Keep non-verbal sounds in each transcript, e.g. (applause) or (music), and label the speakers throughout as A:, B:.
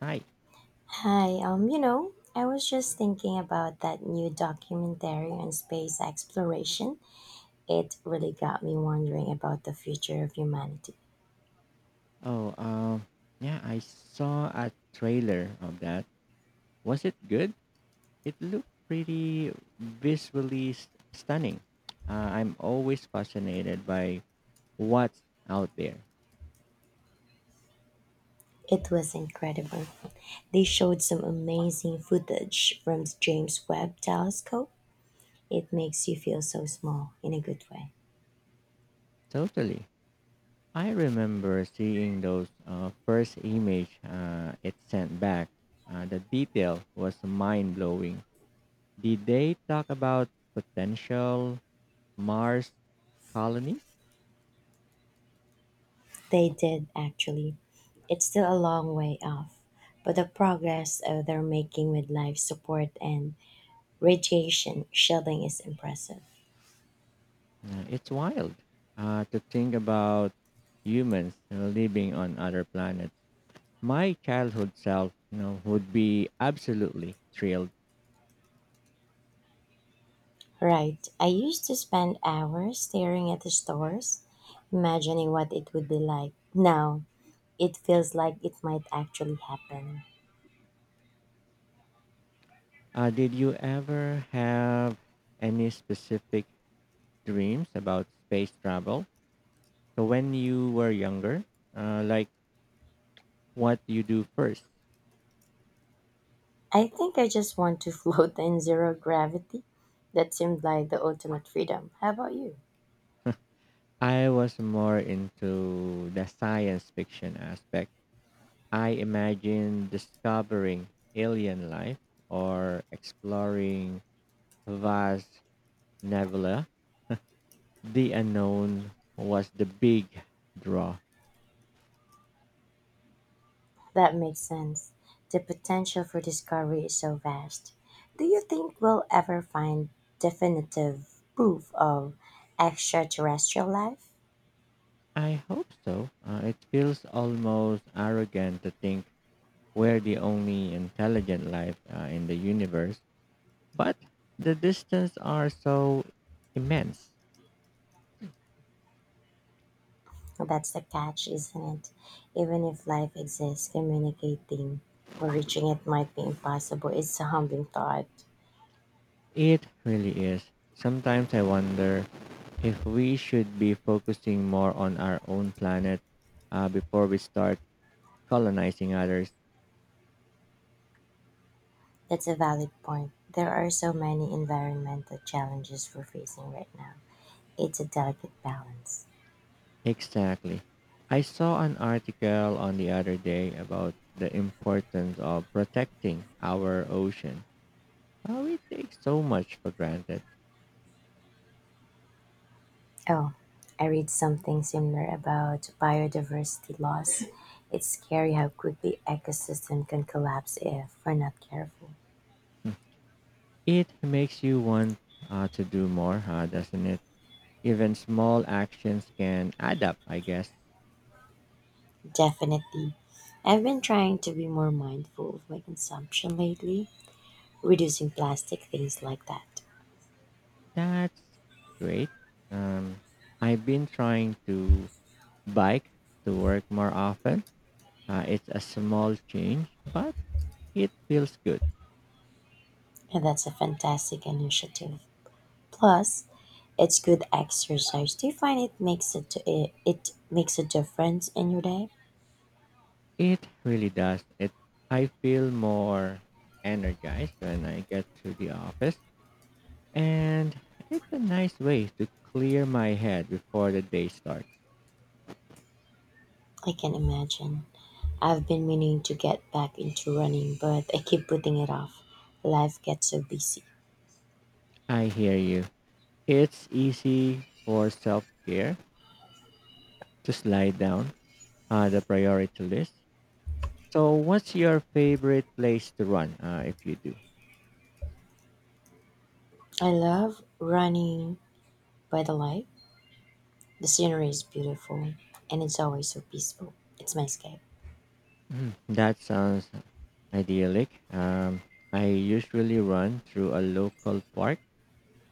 A: Hi.
B: Hi, I was just thinking about that new documentary on space exploration. It really got me wondering about the future of humanity.
A: Oh, yeah, I saw a trailer of that. Was it good? It looked pretty visually stunning. I'm always fascinated by what's out there.
B: It was incredible. They showed some amazing footage from the James Webb telescope. It makes you feel so small in a good way.
A: Totally. I remember seeing those first image it sent back. The detail was mind blowing. Did they talk about potential Mars colonies?
B: They did actually. It's still a long way off, but the progress they're making with life support and radiation shielding is impressive.
A: It's wild to think about humans living on other planets. My childhood self would be absolutely thrilled.
B: Right. I used to spend hours staring at the stars, imagining what it would be like. Now, it feels like it might actually happen.
A: Did you ever have any specific dreams about space travel? So when you were younger, like what you do first?
B: I think I just want to (laughs) float in zero gravity. That seemed like the ultimate freedom. How about you?
A: I was more into the science fiction aspect. I imagine discovering alien life or exploring Vast Nebula. The unknown was the big draw.
B: That makes sense. The potential for discovery is so vast. Do you think we'll ever find definitive proof of extraterrestrial life?
A: I hope so. It feels almost arrogant to think we're the only intelligent life in the universe, but the distance are so immense.
B: That's the catch, isn't it? Even if life exists, communicating or reaching it might be impossible. It's a humbling thought.
A: It really is. Sometimes I wonder if we should be focusing more on our own planet before we start colonizing others.
B: That's a valid point. There are so many environmental challenges we're facing right now. It's a delicate balance.
A: Exactly. I saw an article on the other day about the importance of protecting our ocean. How we take so much for granted.
B: Oh, I read something similar about biodiversity loss. It's scary how quickly ecosystem can collapse if we're not careful.
A: Hmm. It makes you want to do more, huh, doesn't it? Even small actions can add up, I guess.
B: Definitely. I've been trying to be more mindful of my consumption lately. Reducing plastic, things like that.
A: That's great. Um, I've been trying to bike to work more often. It's a small change, but it feels good.
B: And that's a fantastic initiative. Plus, it's good exercise. Do you find it makes a difference in your day?
A: It really does. It I feel more energized when I get to the office and it's a nice way to clear my head before the day starts.
B: I can imagine. I've been meaning to get back into running, but I keep putting it off. Life gets so busy.
A: I hear you. It's easy for self-care to slide down the priority list. So what's your favorite place to run if you do?
B: I love running by the light. The scenery is beautiful, and it's always so peaceful. It's my escape.
A: Mm, that sounds idyllic. I usually run through a local park,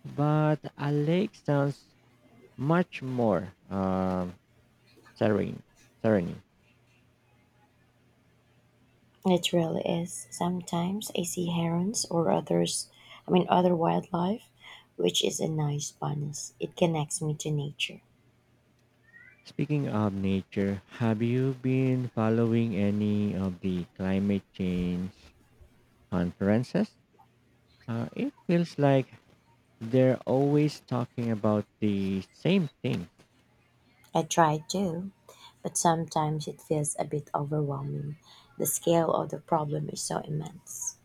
A: but a lake sounds much more serene. Serene.
B: It really is. Sometimes I see herons or other wildlife, which is a nice bonus. It connects me to nature.
A: Speaking of nature, have you been following any of the climate change conferences? It feels like they're always talking about the same thing.
B: I try to, but sometimes it feels a bit overwhelming. The scale of the problem is so immense.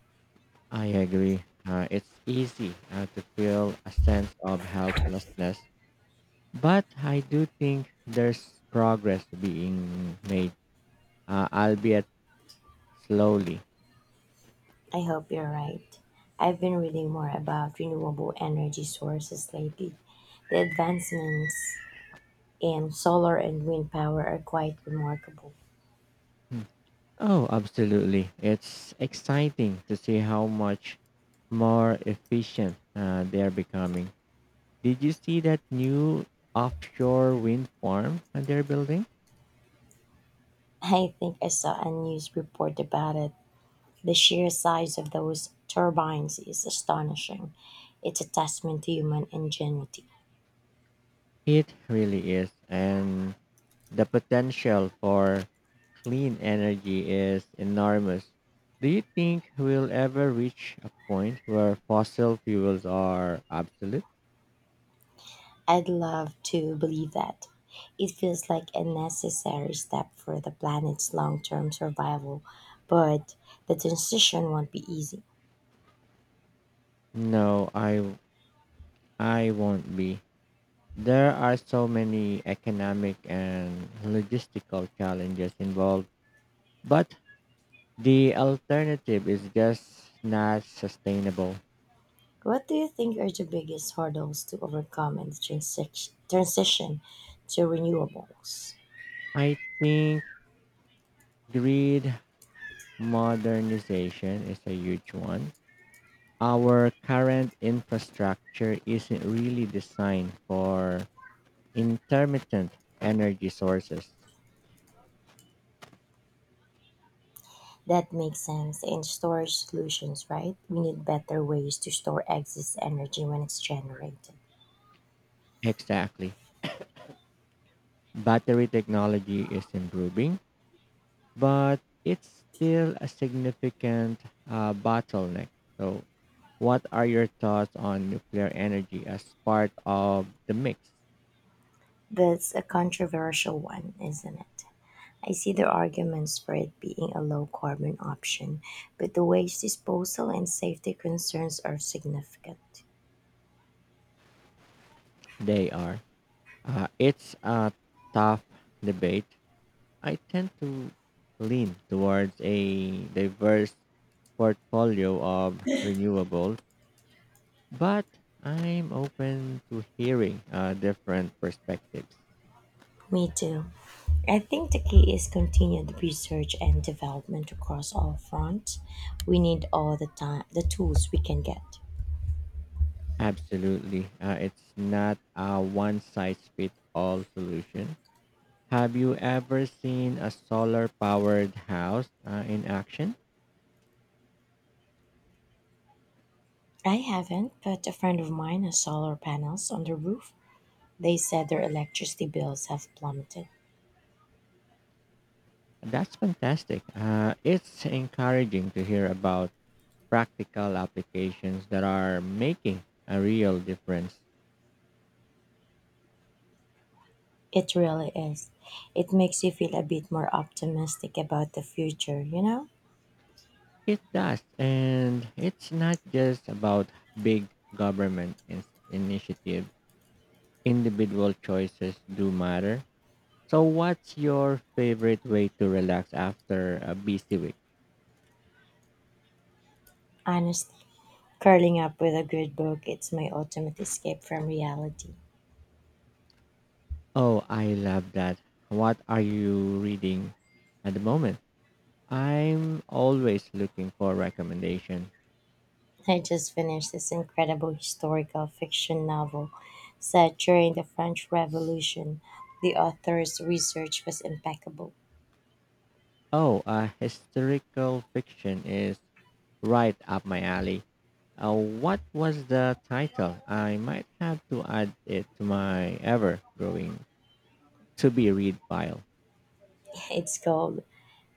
A: I agree. It's easy to feel a sense of helplessness, but I do think there's progress being made, albeit slowly.
B: I hope you're right. I've been reading more about renewable energy sources lately. The advancements in solar and wind power are quite remarkable.
A: Oh, absolutely. It's exciting to see how much more efficient they're becoming. Did you see that new offshore wind farm that they're building?
B: I think I saw a news report about it. The sheer size of those turbines is astonishing. It's a testament to human ingenuity.
A: It really is. And the potential for clean energy is enormous. Do you think we'll ever reach a point where fossil fuels are obsolete?
B: I'd love to believe that. It feels like a necessary step for the planet's long term survival, but the transition won't be easy.
A: No, I won't be. There are so many economic and logistical challenges involved, but the alternative is just not sustainable.
B: What do you think are the biggest hurdles to overcome in the transition to renewables?
A: I think grid modernization is a huge one. Our current infrastructure isn't really designed for intermittent energy sources.
B: That makes sense. And storage solutions, right? We need better ways to store excess energy when it's generated.
A: Exactly. Battery technology is improving but it's still a significant bottleneck. So, what are your thoughts on nuclear energy as part of the mix?
B: That's a controversial one, isn't it? I see the arguments for it being a low carbon option, but the waste disposal and safety concerns are significant.
A: They are. It's a tough debate. I tend to lean towards a diverse portfolio of renewables, but I'm open to hearing different perspectives.
B: Me too. I think the key is continued research and development across all fronts. We need all the time the tools we can get.
A: Absolutely. It's not a one size fits all solution. Have you ever seen a solar powered house in action?
B: I haven't, but a friend of mine has solar panels on the roof. They said their electricity bills have plummeted.
A: That's fantastic. It's encouraging to hear about practical applications that are making a real difference.
B: It really is. It makes you feel a bit more optimistic about the future, you know?
A: It does. And it's not just about big government initiatives, individual choices do matter. So, what's your favorite way to relax after a busy week?
B: Honestly, curling up with a good book, it's my ultimate escape from reality.
A: Oh, I love that. What are you reading at the moment? I'm always looking for recommendation.
B: I just finished this incredible historical fiction novel set during the French Revolution. The author's research was impeccable.
A: Oh, historical fiction is right up my alley. What was the title? I might have to add it to my ever growing to be read pile.
B: (laughs) It's called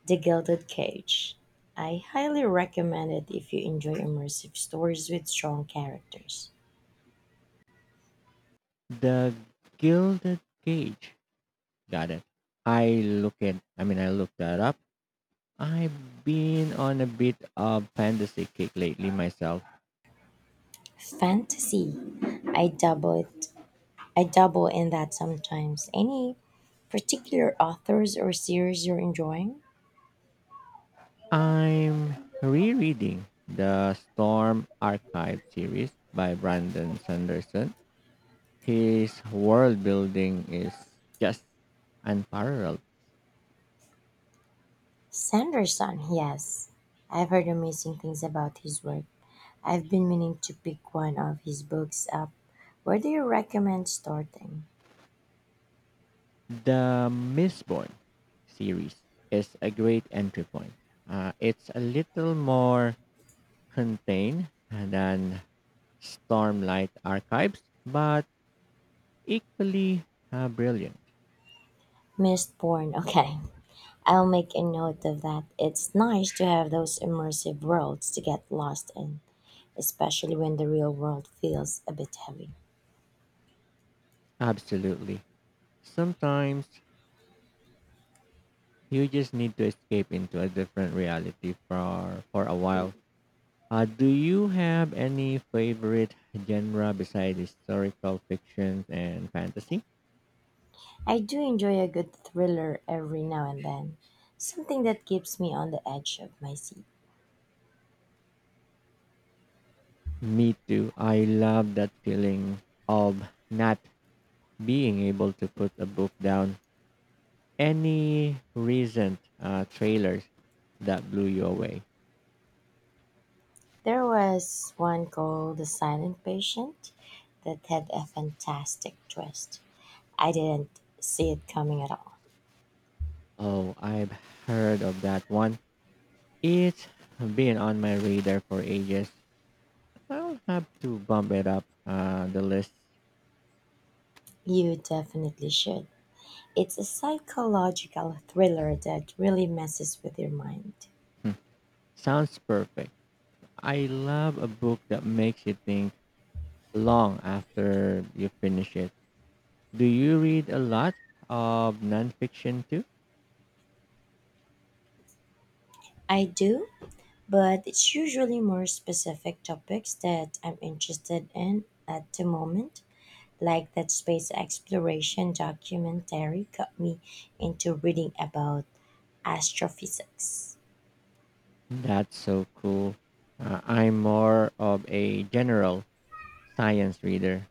B: The Gilded Cage. I highly recommend it if you enjoy immersive stories with strong characters.
A: The Gilded Cage. Got it. I looked that up. I've been on a bit of fantasy kick lately myself.
B: Fantasy. I dabbled I double in that sometimes. Any particular authors or series you're enjoying?
A: I'm rereading the Storm Archive series by Brandon Sanderson. His world building is just unparalleled.
B: Sanderson, yes. I've heard amazing things about his work. I've been meaning to pick one of his books up. Where do you recommend starting?
A: The Mistborn series is a great entry point. It's a little more contained than Stormlight Archives, but equally brilliant.
B: Mistborn, (laughs) okay. I'll make a note of that. It's nice to have those immersive worlds to get lost in, especially when the real world feels a bit heavy.
A: Absolutely. Sometimes you just need to escape into a different reality for a while. Do you have any favorite genre besides historical fiction and fantasy?
B: I do enjoy a good thriller every now and then, something that keeps me on the edge of my seat.
A: Me too. I love that feeling of not being able to put a book down. Any recent trailers that blew you away?
B: There was one called The Silent Patient that had a fantastic twist. I didn't see it coming at all.
A: Oh, I've heard of that one. It's been on my radar for ages. I'll have to bump it up the list.
B: You definitely should. It's a psychological thriller that really messes with your mind.
A: Hmm, sounds perfect. I love a book that makes you think long after you finish it. Do you read a lot of nonfiction too?
B: I do, but it's usually more specific topics that I'm interested in at the moment. Like that space exploration documentary got me into reading about astrophysics.
A: That's so cool. I'm more of a general science reader.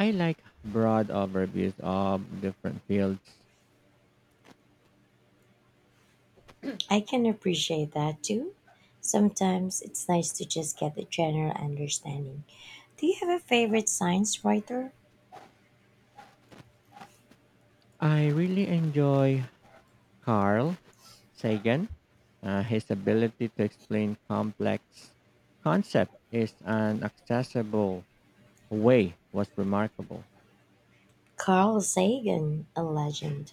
A: I like broad overviews of different fields.
B: I can appreciate that too. Sometimes it's nice to just get a general understanding. Do you have a favorite science writer?
A: I really enjoy Carl Sagan. His ability to explain complex concepts in an accessible way was remarkable.
B: Carl Sagan, a legend.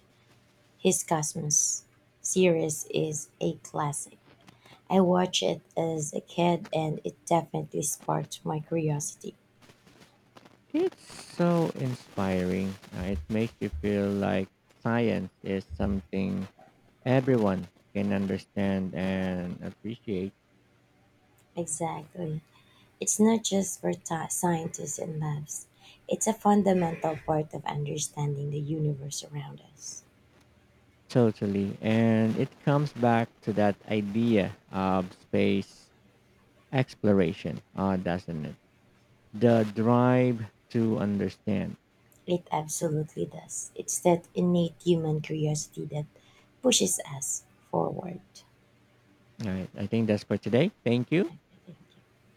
B: His Cosmos series is a classic. I watched it as a kid and it definitely sparked my curiosity.
A: It's so inspiring. It makes you feel like science is something everyone can understand and appreciate
B: Exactly. It's not just for scientists and labs. It's a fundamental part of understanding the universe around us.
A: totally. And it comes back to that idea of space exploration, doesn't it? The drive to understand.
B: It absolutely does. It's that innate human curiosity that pushes us forward.
A: All right. I think that's for today. Thank you.
B: I think.